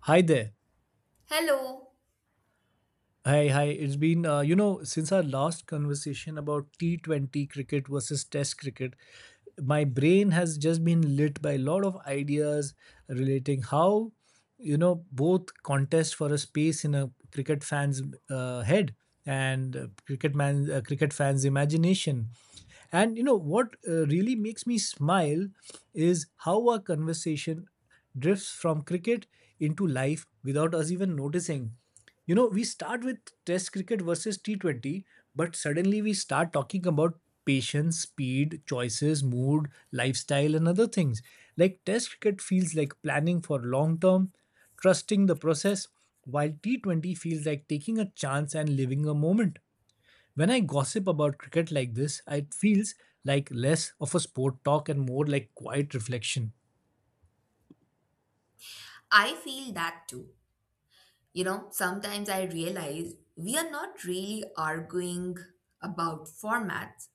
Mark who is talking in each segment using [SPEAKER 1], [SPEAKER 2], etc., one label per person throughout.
[SPEAKER 1] Hi there.
[SPEAKER 2] Hello,
[SPEAKER 1] Hi, hi. It's been, you know, since our last conversation about T20 cricket versus Test cricket, my brain has just been lit by a lot of ideas relating how, you know, both contest for a space in a cricket fan's head and cricket cricket fans' imagination. And you know what really makes me smile is how our conversation drifts from cricket into life without us even noticing. You know, we start with Test cricket versus T20, but suddenly we start talking about patience, speed, choices, mood, lifestyle, and other things. Like Test cricket feels like planning for long term, trusting the process, while T20 feels like taking a chance and living a moment. When I gossip about cricket like this, it feels like less of a sport talk and more like quiet reflection.
[SPEAKER 2] I feel that too. You know, sometimes I realize we are not really arguing about formats,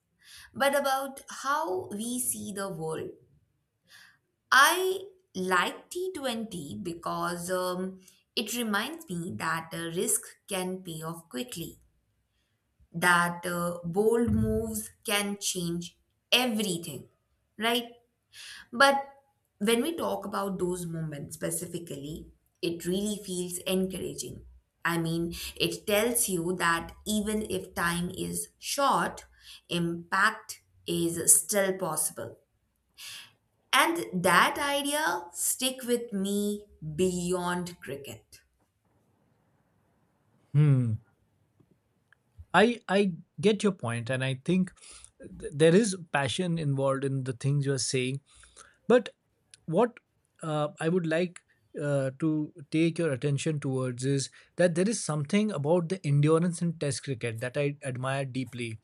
[SPEAKER 2] but about how we see the world. I like T20 because it reminds me that a risk can pay off quickly, that bold moves can change everything, right? But when we talk about those moments specifically, it really feels encouraging. I mean, it tells you that even if time is short, impact is still possible. And that idea stick with me beyond cricket.
[SPEAKER 1] Hmm. I get your point, and I think there is passion involved in the things you are saying. But what I would like to take your attention towards is that there is something about the endurance in Test cricket that I admire deeply.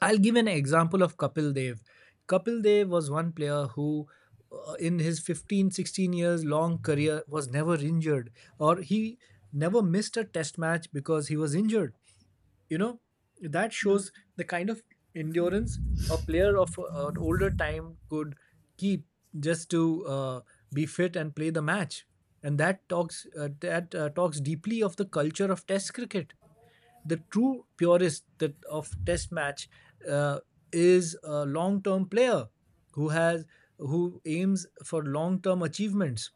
[SPEAKER 1] I'll give an example of Kapil Dev. Kapil Dev was one player who in his 15 16 years long career was never injured, or he never missed a test match because he was injured. You know, that shows the kind of endurance a player of an older time could keep just to be fit and play the match, and that talks deeply of the culture of test cricket. The true purist that of test match uh, is a long term player who has who aims for long term achievements.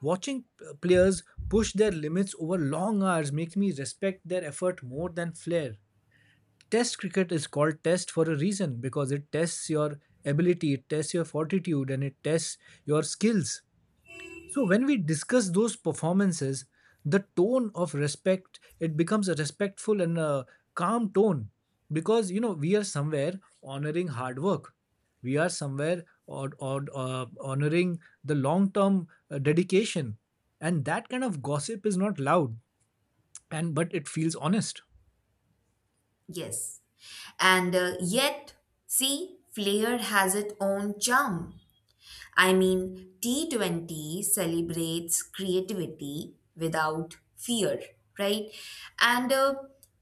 [SPEAKER 1] Watching players push their limits over long hours makes me respect their effort more than flair. Test cricket is called test for a reason, because it tests your ability, it tests your fortitude, and it tests your skills. So, when we discuss those performances, the tone of respect it becomes a respectful and a calm tone, because you know we are somewhere honoring hard work, we are somewhere or honoring the long term dedication. And that kind of gossip is not loud, and but it feels honest.
[SPEAKER 2] Yes. And uh, yet, See, Flair has its own charm. I mean, T20 celebrates creativity without fear, right? And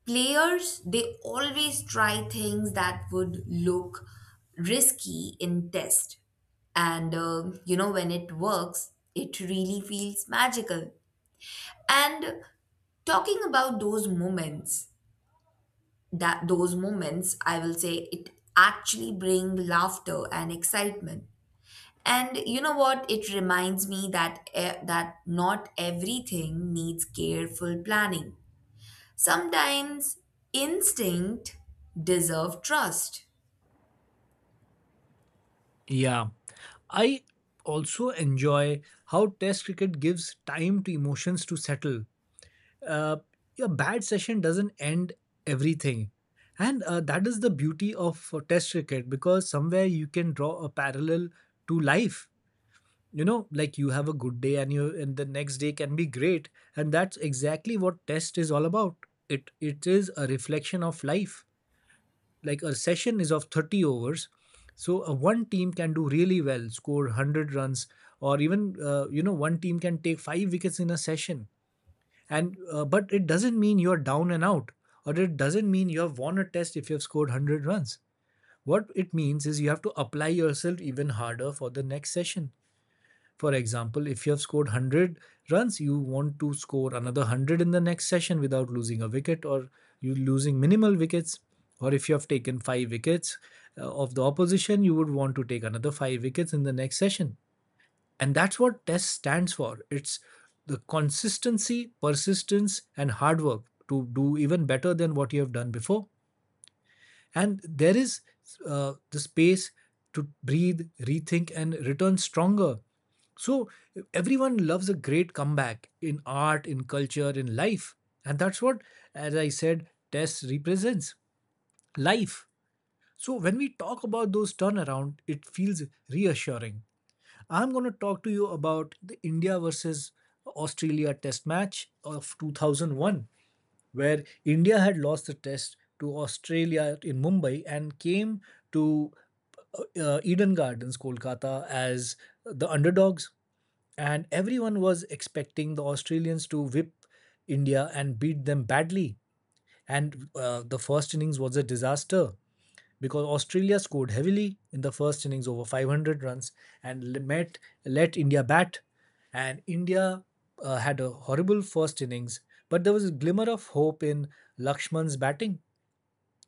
[SPEAKER 2] players, they always try things that would look risky in test. When it works, it really feels magical. And talking about those moments, I will say it actually bring laughter and excitement. And you know what? It reminds me that not everything needs careful planning. Sometimes instinct deserve trust.
[SPEAKER 1] Yeah, I also enjoy how Test cricket gives time to emotions to settle. Uh, a bad session doesn't end everything. And that is the beauty of Test cricket, because somewhere you can draw a parallel to life. You know, like you have a good day, and you and the next day can be great. And that's exactly what Test is all about. It is a reflection of life. Like a session is of 30 overs, so one team can do really well, score 100 runs, or even you know, one team can take five wickets in a session. And but it doesn't mean you're down and out, or it doesn't mean you have won a test if you have scored 100 runs. What it means is you have to apply yourself even harder for the next session. For example, if you have scored 100 runs, you want to score another 100 in the next session without losing a wicket, or you losing minimal wickets. Or if you have taken 5 wickets of the opposition, you would want to take another 5 wickets in the next session. And that's what test stands for. It's the consistency, persistence, and hard work to do even better than what you have done before. And there is the space to breathe, rethink, and return stronger. So everyone loves a great comeback, in art, in culture, in life. And that's what, as I said, test represents life. So when we talk about those turnaround, it feels reassuring. I'm going to talk to you about the India versus Australia test match of 2001, where India had lost the test to Australia in Mumbai and came to Eden Gardens, Kolkata, as the underdogs. And everyone was expecting the Australians to whip India and beat them badly. And the first innings was a disaster, because Australia scored heavily in the first innings, over 500 runs, and met, let India bat. And India had a horrible first innings, but there was a glimmer of hope in Lakshman's batting.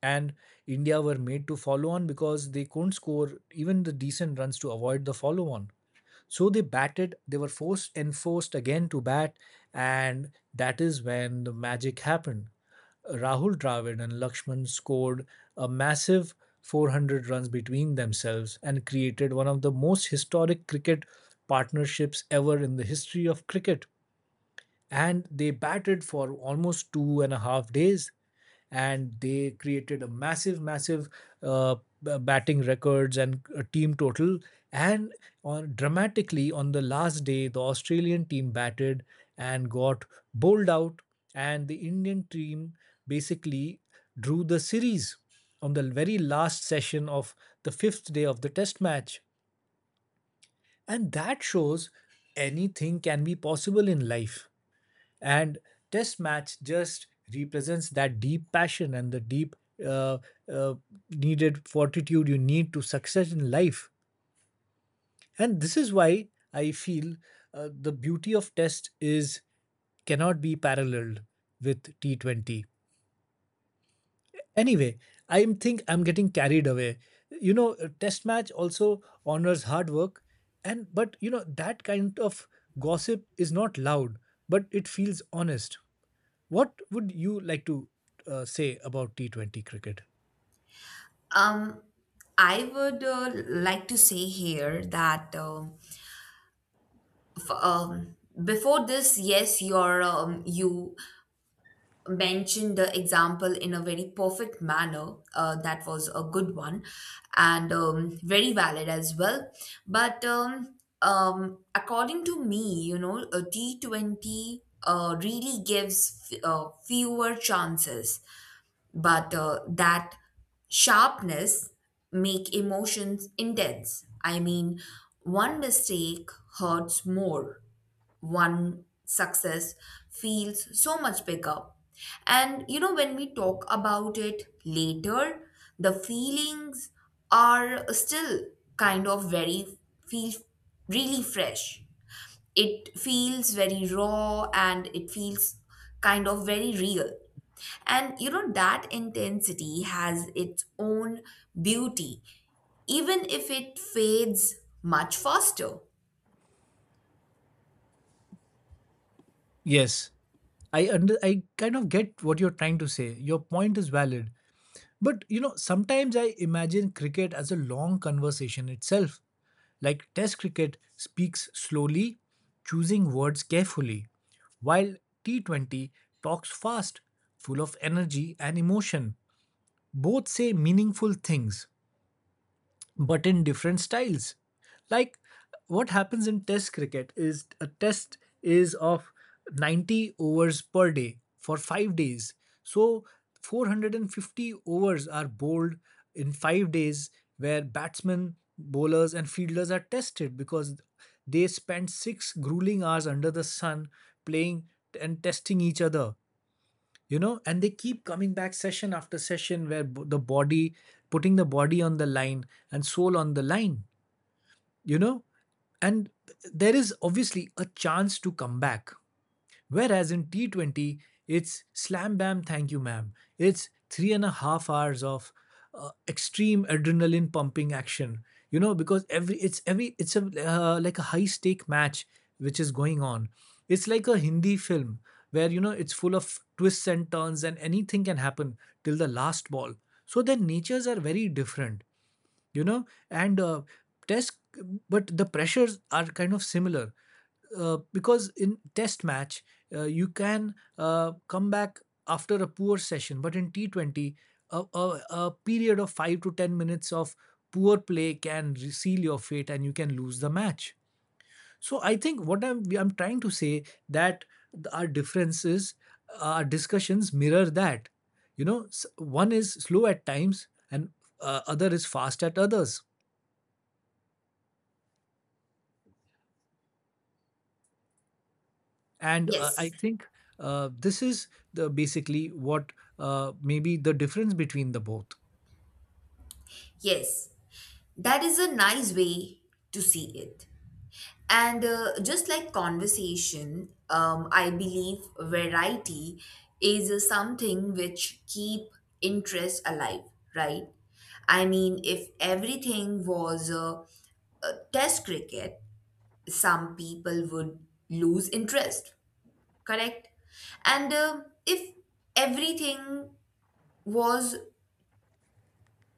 [SPEAKER 1] And India were made to follow on because they couldn't score even the decent runs to avoid the follow on. So they batted, they were forced enforced again to bat, and that is when the magic happened. Rahul Dravid and Lakshman scored a massive 400 runs between themselves and created one of the most historic cricket partnerships ever in the history of cricket. And they batted for almost 2.5 days, and they created a massive uh, batting records and a team total. And on dramatically, on the last day, the Australian team batted and got bowled out, and the Indian team basically drew the series on the very last session of the fifth day of the test match. And that shows anything can be possible in life. And test match just represents that deep passion and the deep uh, uh, needed fortitude you need to success in life. And this is why I feel the beauty of test is cannot be paralleled with T20. Anyway, I am think I'm getting carried away. You know, a test match also honors hard work, and but you know, that kind of gossip is not loud, but it feels honest. What would you like to say about T20 cricket?
[SPEAKER 2] Um, I would like to say here that f- um, before this, yes, you mentioned the example in a very perfect manner. That was a good one and very valid as well. But according to me, you know, a T20 really gives fewer chances, but that sharpness make emotions intense. I mean, one mistake hurts more, one success feels so much bigger. And you know, when we talk about it later, the feelings are still kind of very, feel really fresh. It feels very raw and it feels kind of very real. And you know, that intensity has its own beauty, even if it fades much faster.
[SPEAKER 1] Yes, I kind of get what you're trying to say. Your point is valid. But you know, sometimes I imagine cricket as a long conversation itself. Like test cricket speaks slowly, choosing words carefully, while T20 talks fast, full of energy and emotion. Both say meaningful things, but in different styles. Like what happens in test cricket is a test is of 90 overs per day for 5 days. So 450 overs are bowled in 5 days, where batsmen, bowlers and fielders are tested because they spend 6 grueling hours under the sun playing and testing each other. You know, and they keep coming back session after session, where the body, putting the body on the line and soul on the line, you know. And there is obviously a chance to come back. Whereas in T20, it's slam bam, thank you, ma'am. It's 3.5 hours of extreme adrenaline pumping action. You know, because every it's a like a high stake match which is going on. It's like a Hindi film where you know it's full of twists and turns and anything can happen till the last ball. So their natures are very different, you know. And test, but the pressures are kind of similar, because in test match you can come back after a poor session. But in T20, a period of 5 to 10 minutes of poor play can seal your fate and you can lose the match. So I think what I'm trying to say that our differences, our discussions mirror that, you know. One is slow at times, and other is fast at others. And I
[SPEAKER 2] Yes,
[SPEAKER 1] think this is the basically what, maybe the difference between the both.
[SPEAKER 2] yes. That is a nice way to see it. And just like conversation, I believe variety is something which keep interest alive, right? I mean, if everything was a test cricket, some people would lose interest, correct? And if everything was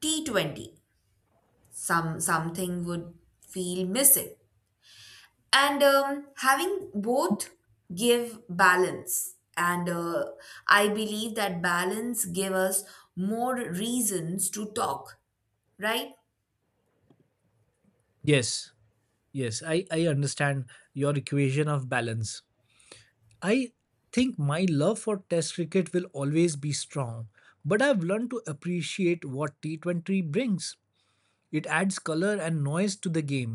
[SPEAKER 2] T20, something would feel missing, and having both give balance, and I believe that balance give us more reasons to talk, right?
[SPEAKER 1] Yes, yes, I understand your equation of balance. I think my love for test cricket will always be strong, but I've learned to appreciate what T20 brings. It adds color and noise to the game.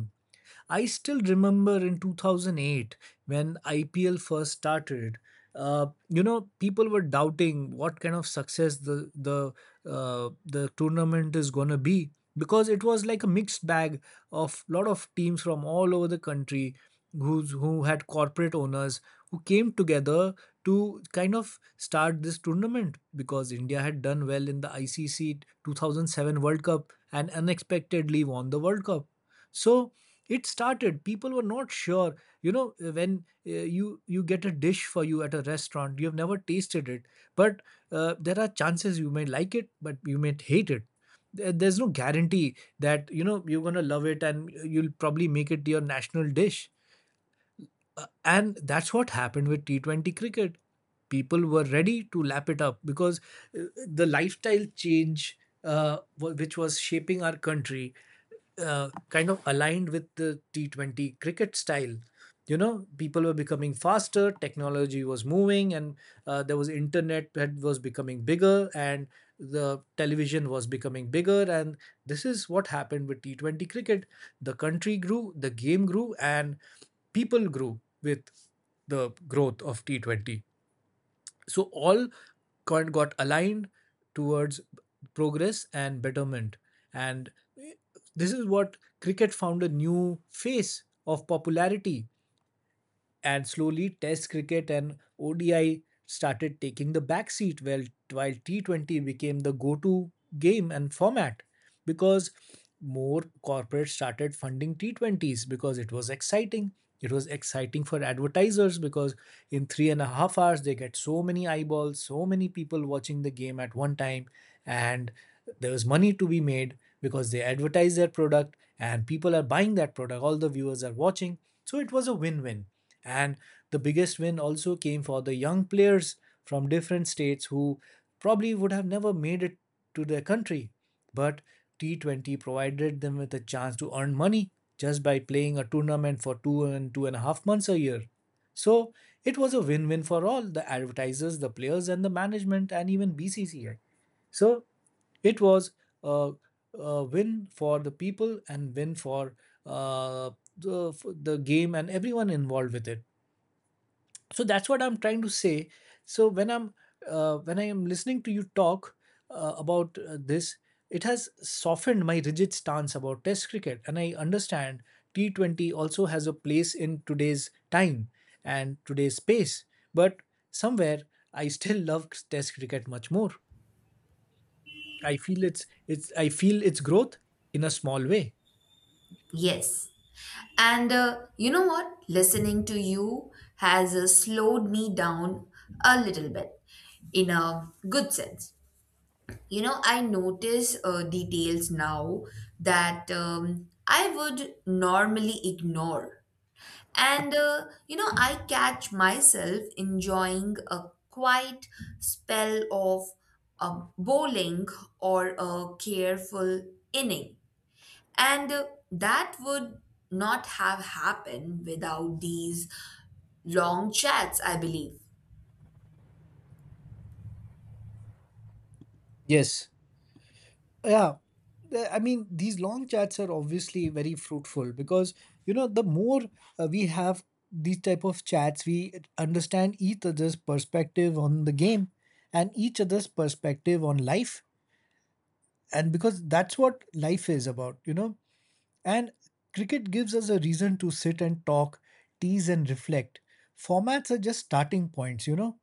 [SPEAKER 1] I still remember in 2008 when IPL first started. You know, people were doubting what kind of success the tournament is gonna be, because it was like a mixed bag of lot of teams from all over the country who had corporate owners, who came together to kind of start this tournament, because India had done well in the ICC 2007 World Cup and unexpectedly won the World Cup. So it started. People were not sure. You know, when you get a dish for you at a restaurant, you have never tasted it, but there are chances you may like it, but you may hate it. There's no guarantee that you know you're gonna love it and you'll probably make it your national dish. And that's what happened with T20 cricket. People were ready to lap it up, because the lifestyle change which was shaping our country kind of aligned with the T20 cricket style. You know, people were becoming faster, technology was moving, and there was internet that was becoming bigger, and the television was becoming bigger. And this is what happened with T20 cricket. The country grew, the game grew, and people grew with the growth of T20, so all got aligned towards progress and betterment. And this is what cricket found a new face of popularity. And slowly test cricket and odi started taking the back seat, while T20 became the go-to game and format, because more corporates started funding T20s because it was exciting. It was exciting for advertisers because in 3.5 hours they get so many eyeballs, so many people watching the game at one time. And there is money to be made because they advertise their product and people are buying that product, all the viewers are watching. So it was a win-win. And the biggest win also came for the young players from different states who probably would have never made it to their country, but T20 provided them with a chance to earn money just by playing a tournament for 2 and 2.5 months a year. So it was a win win for all the advertisers, the players, and the management, and even BCCI. So it was a, a win for the people and win for uh, the game and everyone involved with it. So that's what I'm trying to say. So when I am listening to you talk, about this, it has softened my rigid stance about test cricket, and I understand T20 also has a place in today's time and today's space. But somewhere I still love test cricket much more. I feel its growth in a small way.
[SPEAKER 2] Yes, and you know what, listening to you has slowed me down a little bit, in a good sense. You know, I notice details now that I would normally ignore. And you know, I catch myself enjoying a quiet spell of bowling, or a careful inning. And that would not have happened without these long chats, I believe.
[SPEAKER 1] Yes. Yeah. I mean, these long chats are obviously very fruitful because, you know, the more we have these type of chats, we understand each other's perspective on the game and each other's perspective on life. And because that's what life is about, you know. And cricket gives us a reason to sit and talk, tease and reflect. Formats are just starting points, you know,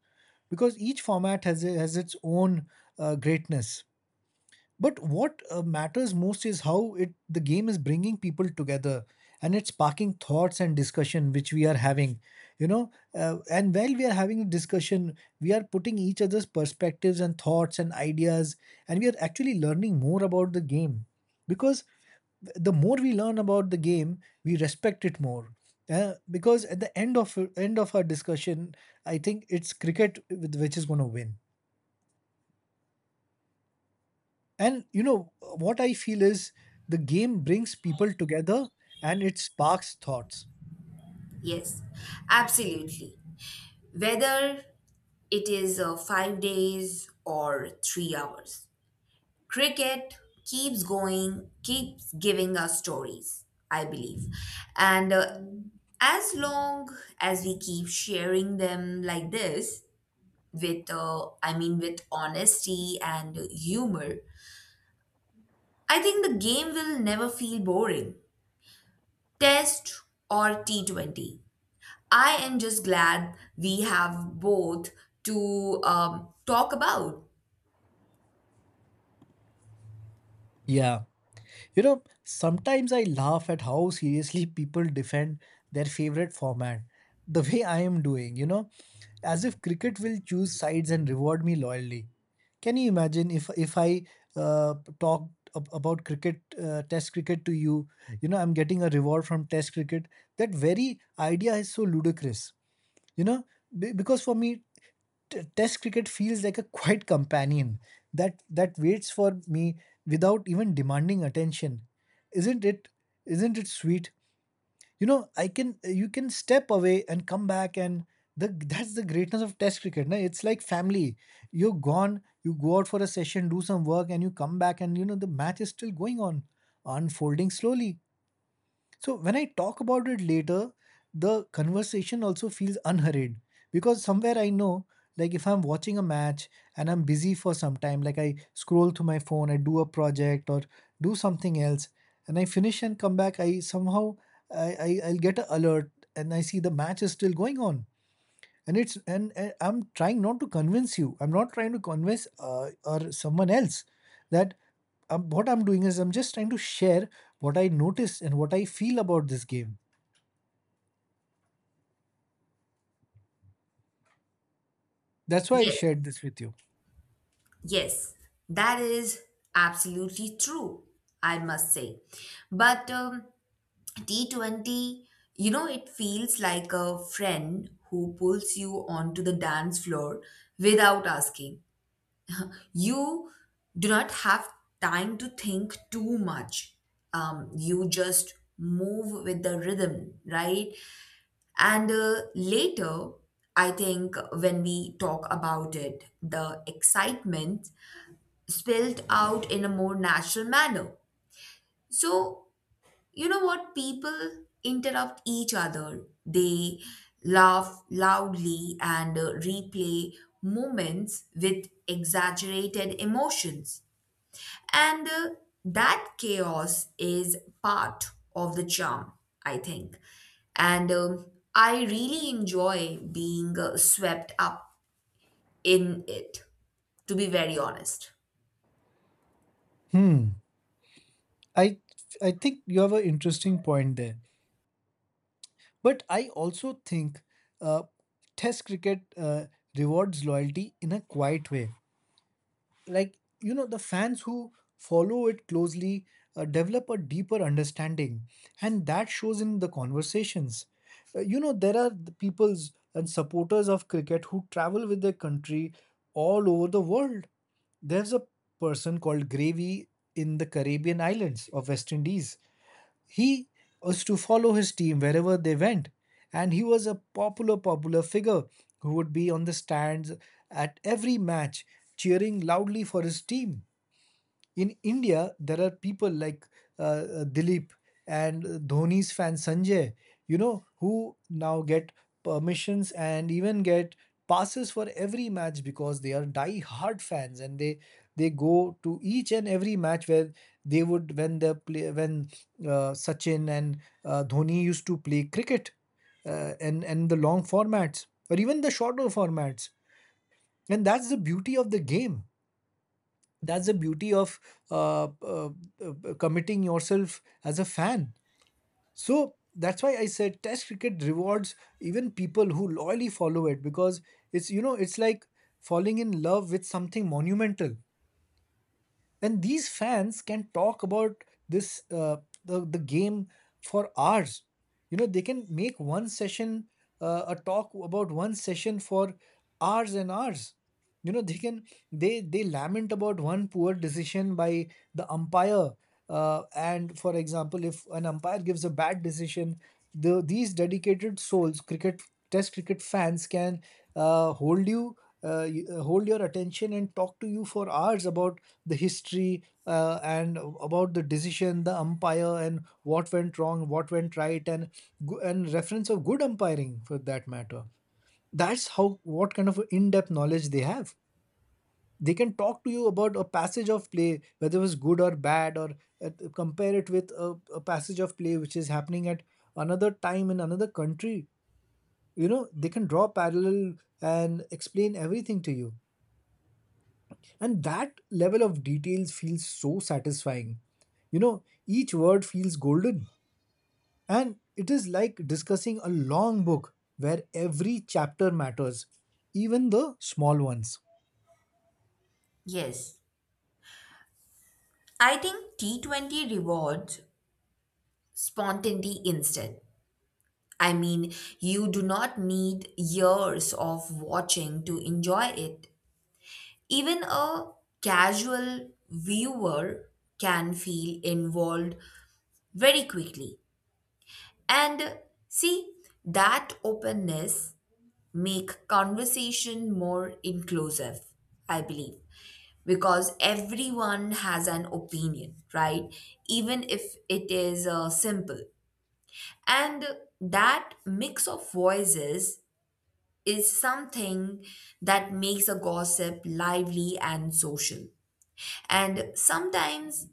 [SPEAKER 1] because each format has its own greatness. But what matters most is how it the game is bringing people together, and it's sparking thoughts and discussion which we are having, you know, and while we are having a discussion we are putting each other's perspectives and thoughts and ideas, and we are actually learning more about the game. Because the more we learn about the game, we respect it more. Because at the end of our discussion, I think it's cricket which is going to win. And you know, what I feel is the game brings people together and it sparks thoughts.
[SPEAKER 2] Yes, absolutely. Whether it is 5 days or 3 hours, cricket keeps going, keeps giving us stories, I believe. And as long as we keep sharing them like this, I mean, with honesty and humor, I think the game will never feel boring. Test or T20. I am just glad we have both to talk about.
[SPEAKER 1] Yeah. You know, sometimes I laugh at how seriously people defend their favorite format, the way I am doing, you know, as if cricket will choose sides and reward me loyally. Can you imagine if I talked about cricket, test cricket to you, you know, I'm getting a reward from test cricket. That very idea is so ludicrous, you know, because for me, test cricket feels like a quiet companion that waits for me without even demanding attention. Isn't it? Isn't it sweet? You know, I can you can step away and come back, and the that's the greatness of test cricket na? It's like family. You're gone, you go out for a session, do some work, and you come back, and you know the match is still going on, unfolding slowly. So when I talk about it later, the conversation also feels unhurried because somewhere I know, like if I'm watching a match and I'm busy for some time, like I scroll through my phone, I do a project or do something else, and I finish and come back, I somehow I'll get an alert and I see the match is still going on. And I'm trying not to convince you, I'm not trying to convince or someone else that what I'm doing is I'm just trying to share what I notice and what I feel about this game. That's why I
[SPEAKER 2] Yes.
[SPEAKER 1] shared this with you.
[SPEAKER 2] Yes, that is absolutely true, I must say. But T20, you know, it feels like a friend who pulls you onto the dance floor without asking. You do not have time to think too much. You just move with the rhythm, right? And later, I think when we talk about it, the excitement spelled out in a more natural manner. So, you know what? People interrupt each other, they laugh loudly and replay moments with exaggerated emotions. And that chaos is part of the charm, I think. And I really enjoy being swept up in it, to be very honest.
[SPEAKER 1] Hmm. I i think you have an interesting point there, but I also think uh, test cricket rewards loyalty in a quiet way. Like, you know, the fans who follow it closely develop a deeper understanding, and that shows in the conversations. You know there are the peoples and supporters of cricket who travel with their country all over the world. There's a person called Gravy in the Caribbean islands of West Indies. He was to follow his team wherever they went, and he was a popular, popular figure who would be on the stands at every match, cheering loudly for his team. In India, there are people like uh, Dilip and Dhoni's fan Sanjay, you know, who now get permissions and even get passes for every match because they are die hard fans, and they go to each and every match where they would when the play when Sachin and Dhoni used to play cricket, and the long formats or even the shorter formats. And that's the beauty of the game. That's the beauty of uh, uh, committing yourself as a fan. So that's why I said Test cricket rewards even people who loyally follow it, because it's, you know, it's like falling in love with something monumental, and these fans can talk about this the game for hours. You know, they can make one session, a talk about one session, for hours and hours. You know, they can they lament about one poor decision by the umpire. And for example if an umpire gives a bad decision, these dedicated souls, cricket test cricket fans, can hold your attention and talk to you for hours about the history, and about the decision, the umpire, and what went wrong, what went right, and and reference of good umpiring for that matter. That's how what kind of in-depth knowledge they have. They can talk to you about a passage of play, whether it was good or bad, or compare it with a passage of play which is happening at another time in another country. You know, they can draw parallel and explain everything to you. And that level of details feels so satisfying. You know, each word feels golden. And it is like discussing a long book where every chapter matters, even the small ones.
[SPEAKER 2] Yes, I think T20 rewards spontaneity instead. I mean, you do not need years of watching to enjoy it. Even a casual viewer can feel involved very quickly. And see, that openness make conversation more inclusive, I believe, because everyone has an opinion, right? Even if it is simple. And that mix of voices is something that makes a gossip lively and social. And sometimes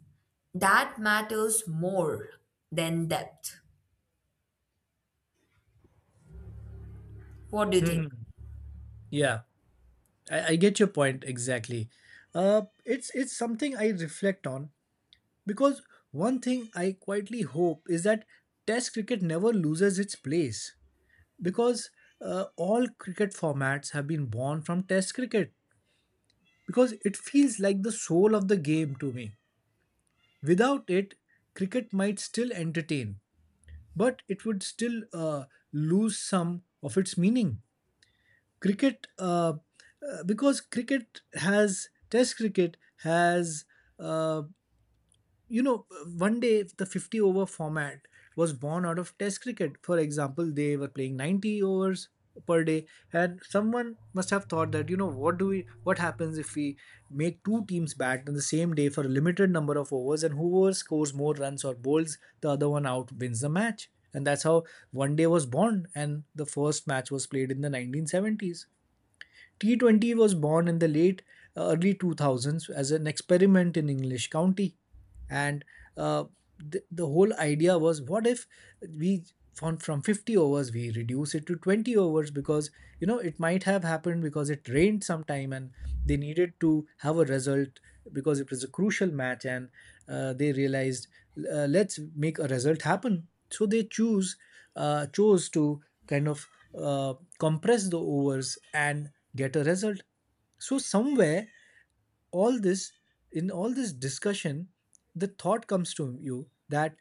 [SPEAKER 2] that matters more than depth. What do you think?
[SPEAKER 1] Hmm. Yeah, I get your point exactly. It's something I reflect on, because one thing I quietly hope is that Test cricket never loses its place, because all cricket formats have been born from Test cricket. Because it feels like the soul of the game to me. Without it, cricket might still entertain, but it would still lose some of its meaning. Cricket, uh, because Test cricket has, uh, you know, one day, if the 50 over format was born out of test cricket, for example, they were playing 90 overs per day, and someone must have thought that, you know, what do we, what happens if we make two teams bat on the same day for a limited number of overs, and whoever scores more runs or bowls the other one out wins the match. And that's how one day was born, and the first match was played in the 1970s. T20 was born in the late early 2000s as an experiment in English county. And uh, the whole idea was, what if we from 50 overs we reduce it to 20 overs, because, you know, it might have happened because it rained sometime and they needed to have a result because it was a crucial match. And they realized, let's make a result happen. So they choose chose to kind of uh, compress the overs and get a result. So somewhere, all this, in all this discussion, the thought comes to you that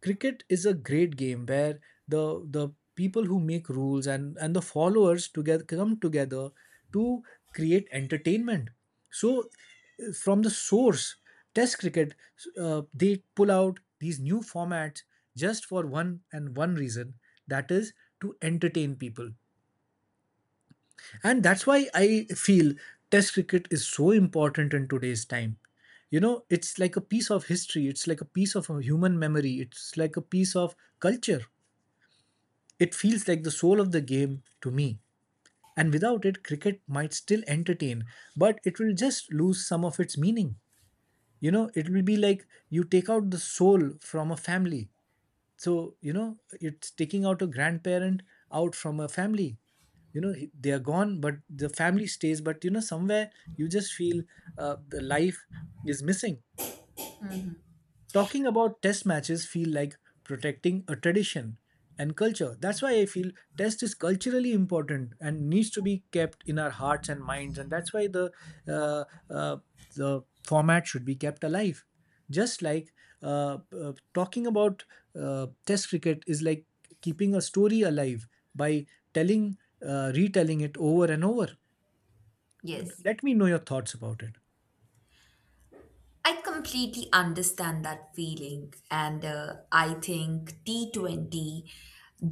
[SPEAKER 1] cricket is a great game where the people who make rules and the followers together come together to create entertainment. So from the source, Test cricket, they pull out these new formats just for one and one reason, that is to entertain people. And that's why I feel Test cricket is so important in today's time. You know, it's like a piece of history, it's like a piece of a human memory, it's like a piece of culture. It feels like the soul of the game to me. And without it, cricket might still entertain, but it will just lose some of its meaning. You know, it will be like you take out the soul from a family. So you know it's taking out a grandparent out from a family. You know, they are gone but the family stays, but you know somewhere you just feel the life is missing. Talking about test matches feel like protecting a tradition and culture. That's why I feel test is culturally important and needs to be kept in our hearts and minds. And that's why the uh, uh, the format should be kept alive. Just like talking about test cricket is like keeping a story alive by telling, retelling it over and over.
[SPEAKER 2] Yes.
[SPEAKER 1] Let me know your thoughts about it.
[SPEAKER 2] I completely understand that feeling. And I think T20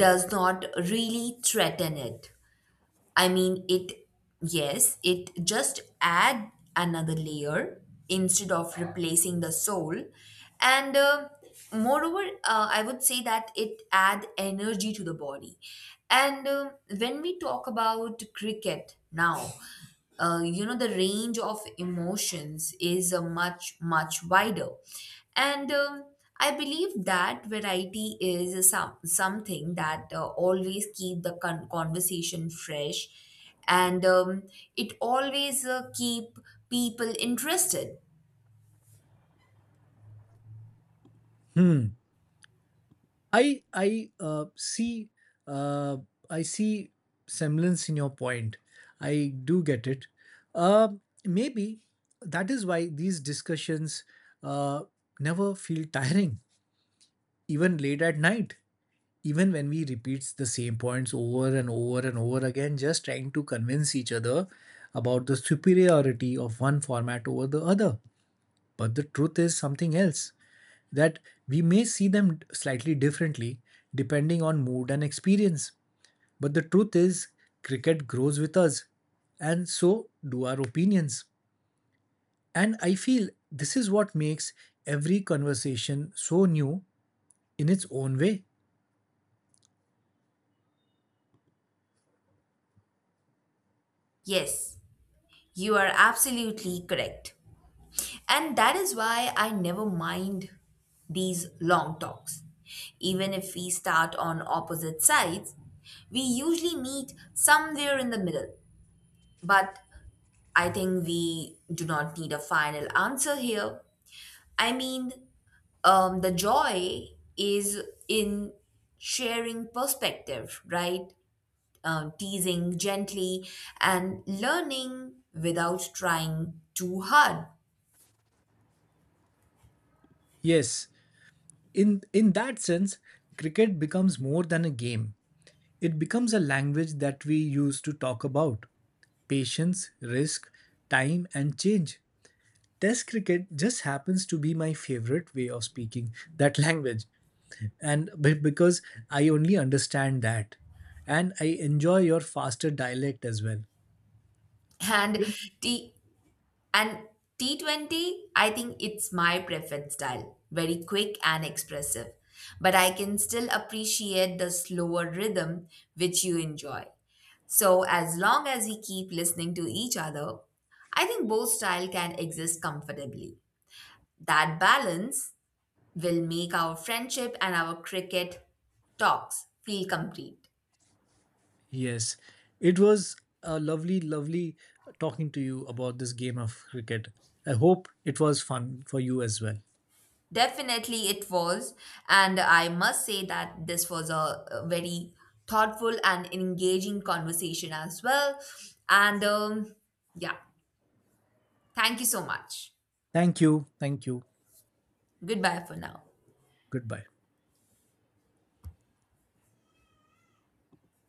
[SPEAKER 2] does not really threaten it. I mean, yes, it just add another layer instead of replacing the soul. And Moreover, I would say that it add energy to the body. And when we talk about cricket now, you know the range of emotions is a much wider, and I believe that variety is something that always keep the conversation fresh, and it always keep people interested.
[SPEAKER 1] Hmm. I I uh, see uh, I see semblance in your point. I do get it. Uh, maybe that is why these discussions uh, never feel tiring, even late at night, even when we repeat the same points over and over and over again, just trying to convince each other about the superiority of one format over the other. But the truth is something else, that we may see them slightly differently depending on mood and experience. But the truth is, cricket grows with us, and so do our opinions. And I feel this is what makes every conversation so new in its own way.
[SPEAKER 2] Yes, you are absolutely correct. And that is why I never mind these long talks. Even if we start on opposite sides, we usually meet somewhere in the middle. But I think we do not need a final answer here. I mean, the joy is in sharing perspective, right? Teasing gently and learning without trying too hard.
[SPEAKER 1] Yes, in that sense, cricket becomes more than a game, it becomes a language that we use to talk about patience, risk, time, and change. Test cricket just happens to be my favorite way of speaking that language, and because I only understand that. And I enjoy your faster dialect as well.
[SPEAKER 2] And
[SPEAKER 1] Yep.
[SPEAKER 2] te- And T20, I think it's my preferred style, very quick and expressive. But I can still appreciate the slower rhythm which you enjoy. So, as long as we keep listening to each other, I think both style can exist comfortably. That balance will make our friendship and our cricket talks feel complete.
[SPEAKER 1] Yes, it was a lovely, lovely talking to you about this game of cricket. I hope it was fun for you as well.
[SPEAKER 2] Definitely it was. And I must say that this was a very thoughtful and engaging conversation as well. And yeah, thank you so much.
[SPEAKER 1] Thank you. Thank you.
[SPEAKER 2] Goodbye for now.
[SPEAKER 1] Goodbye.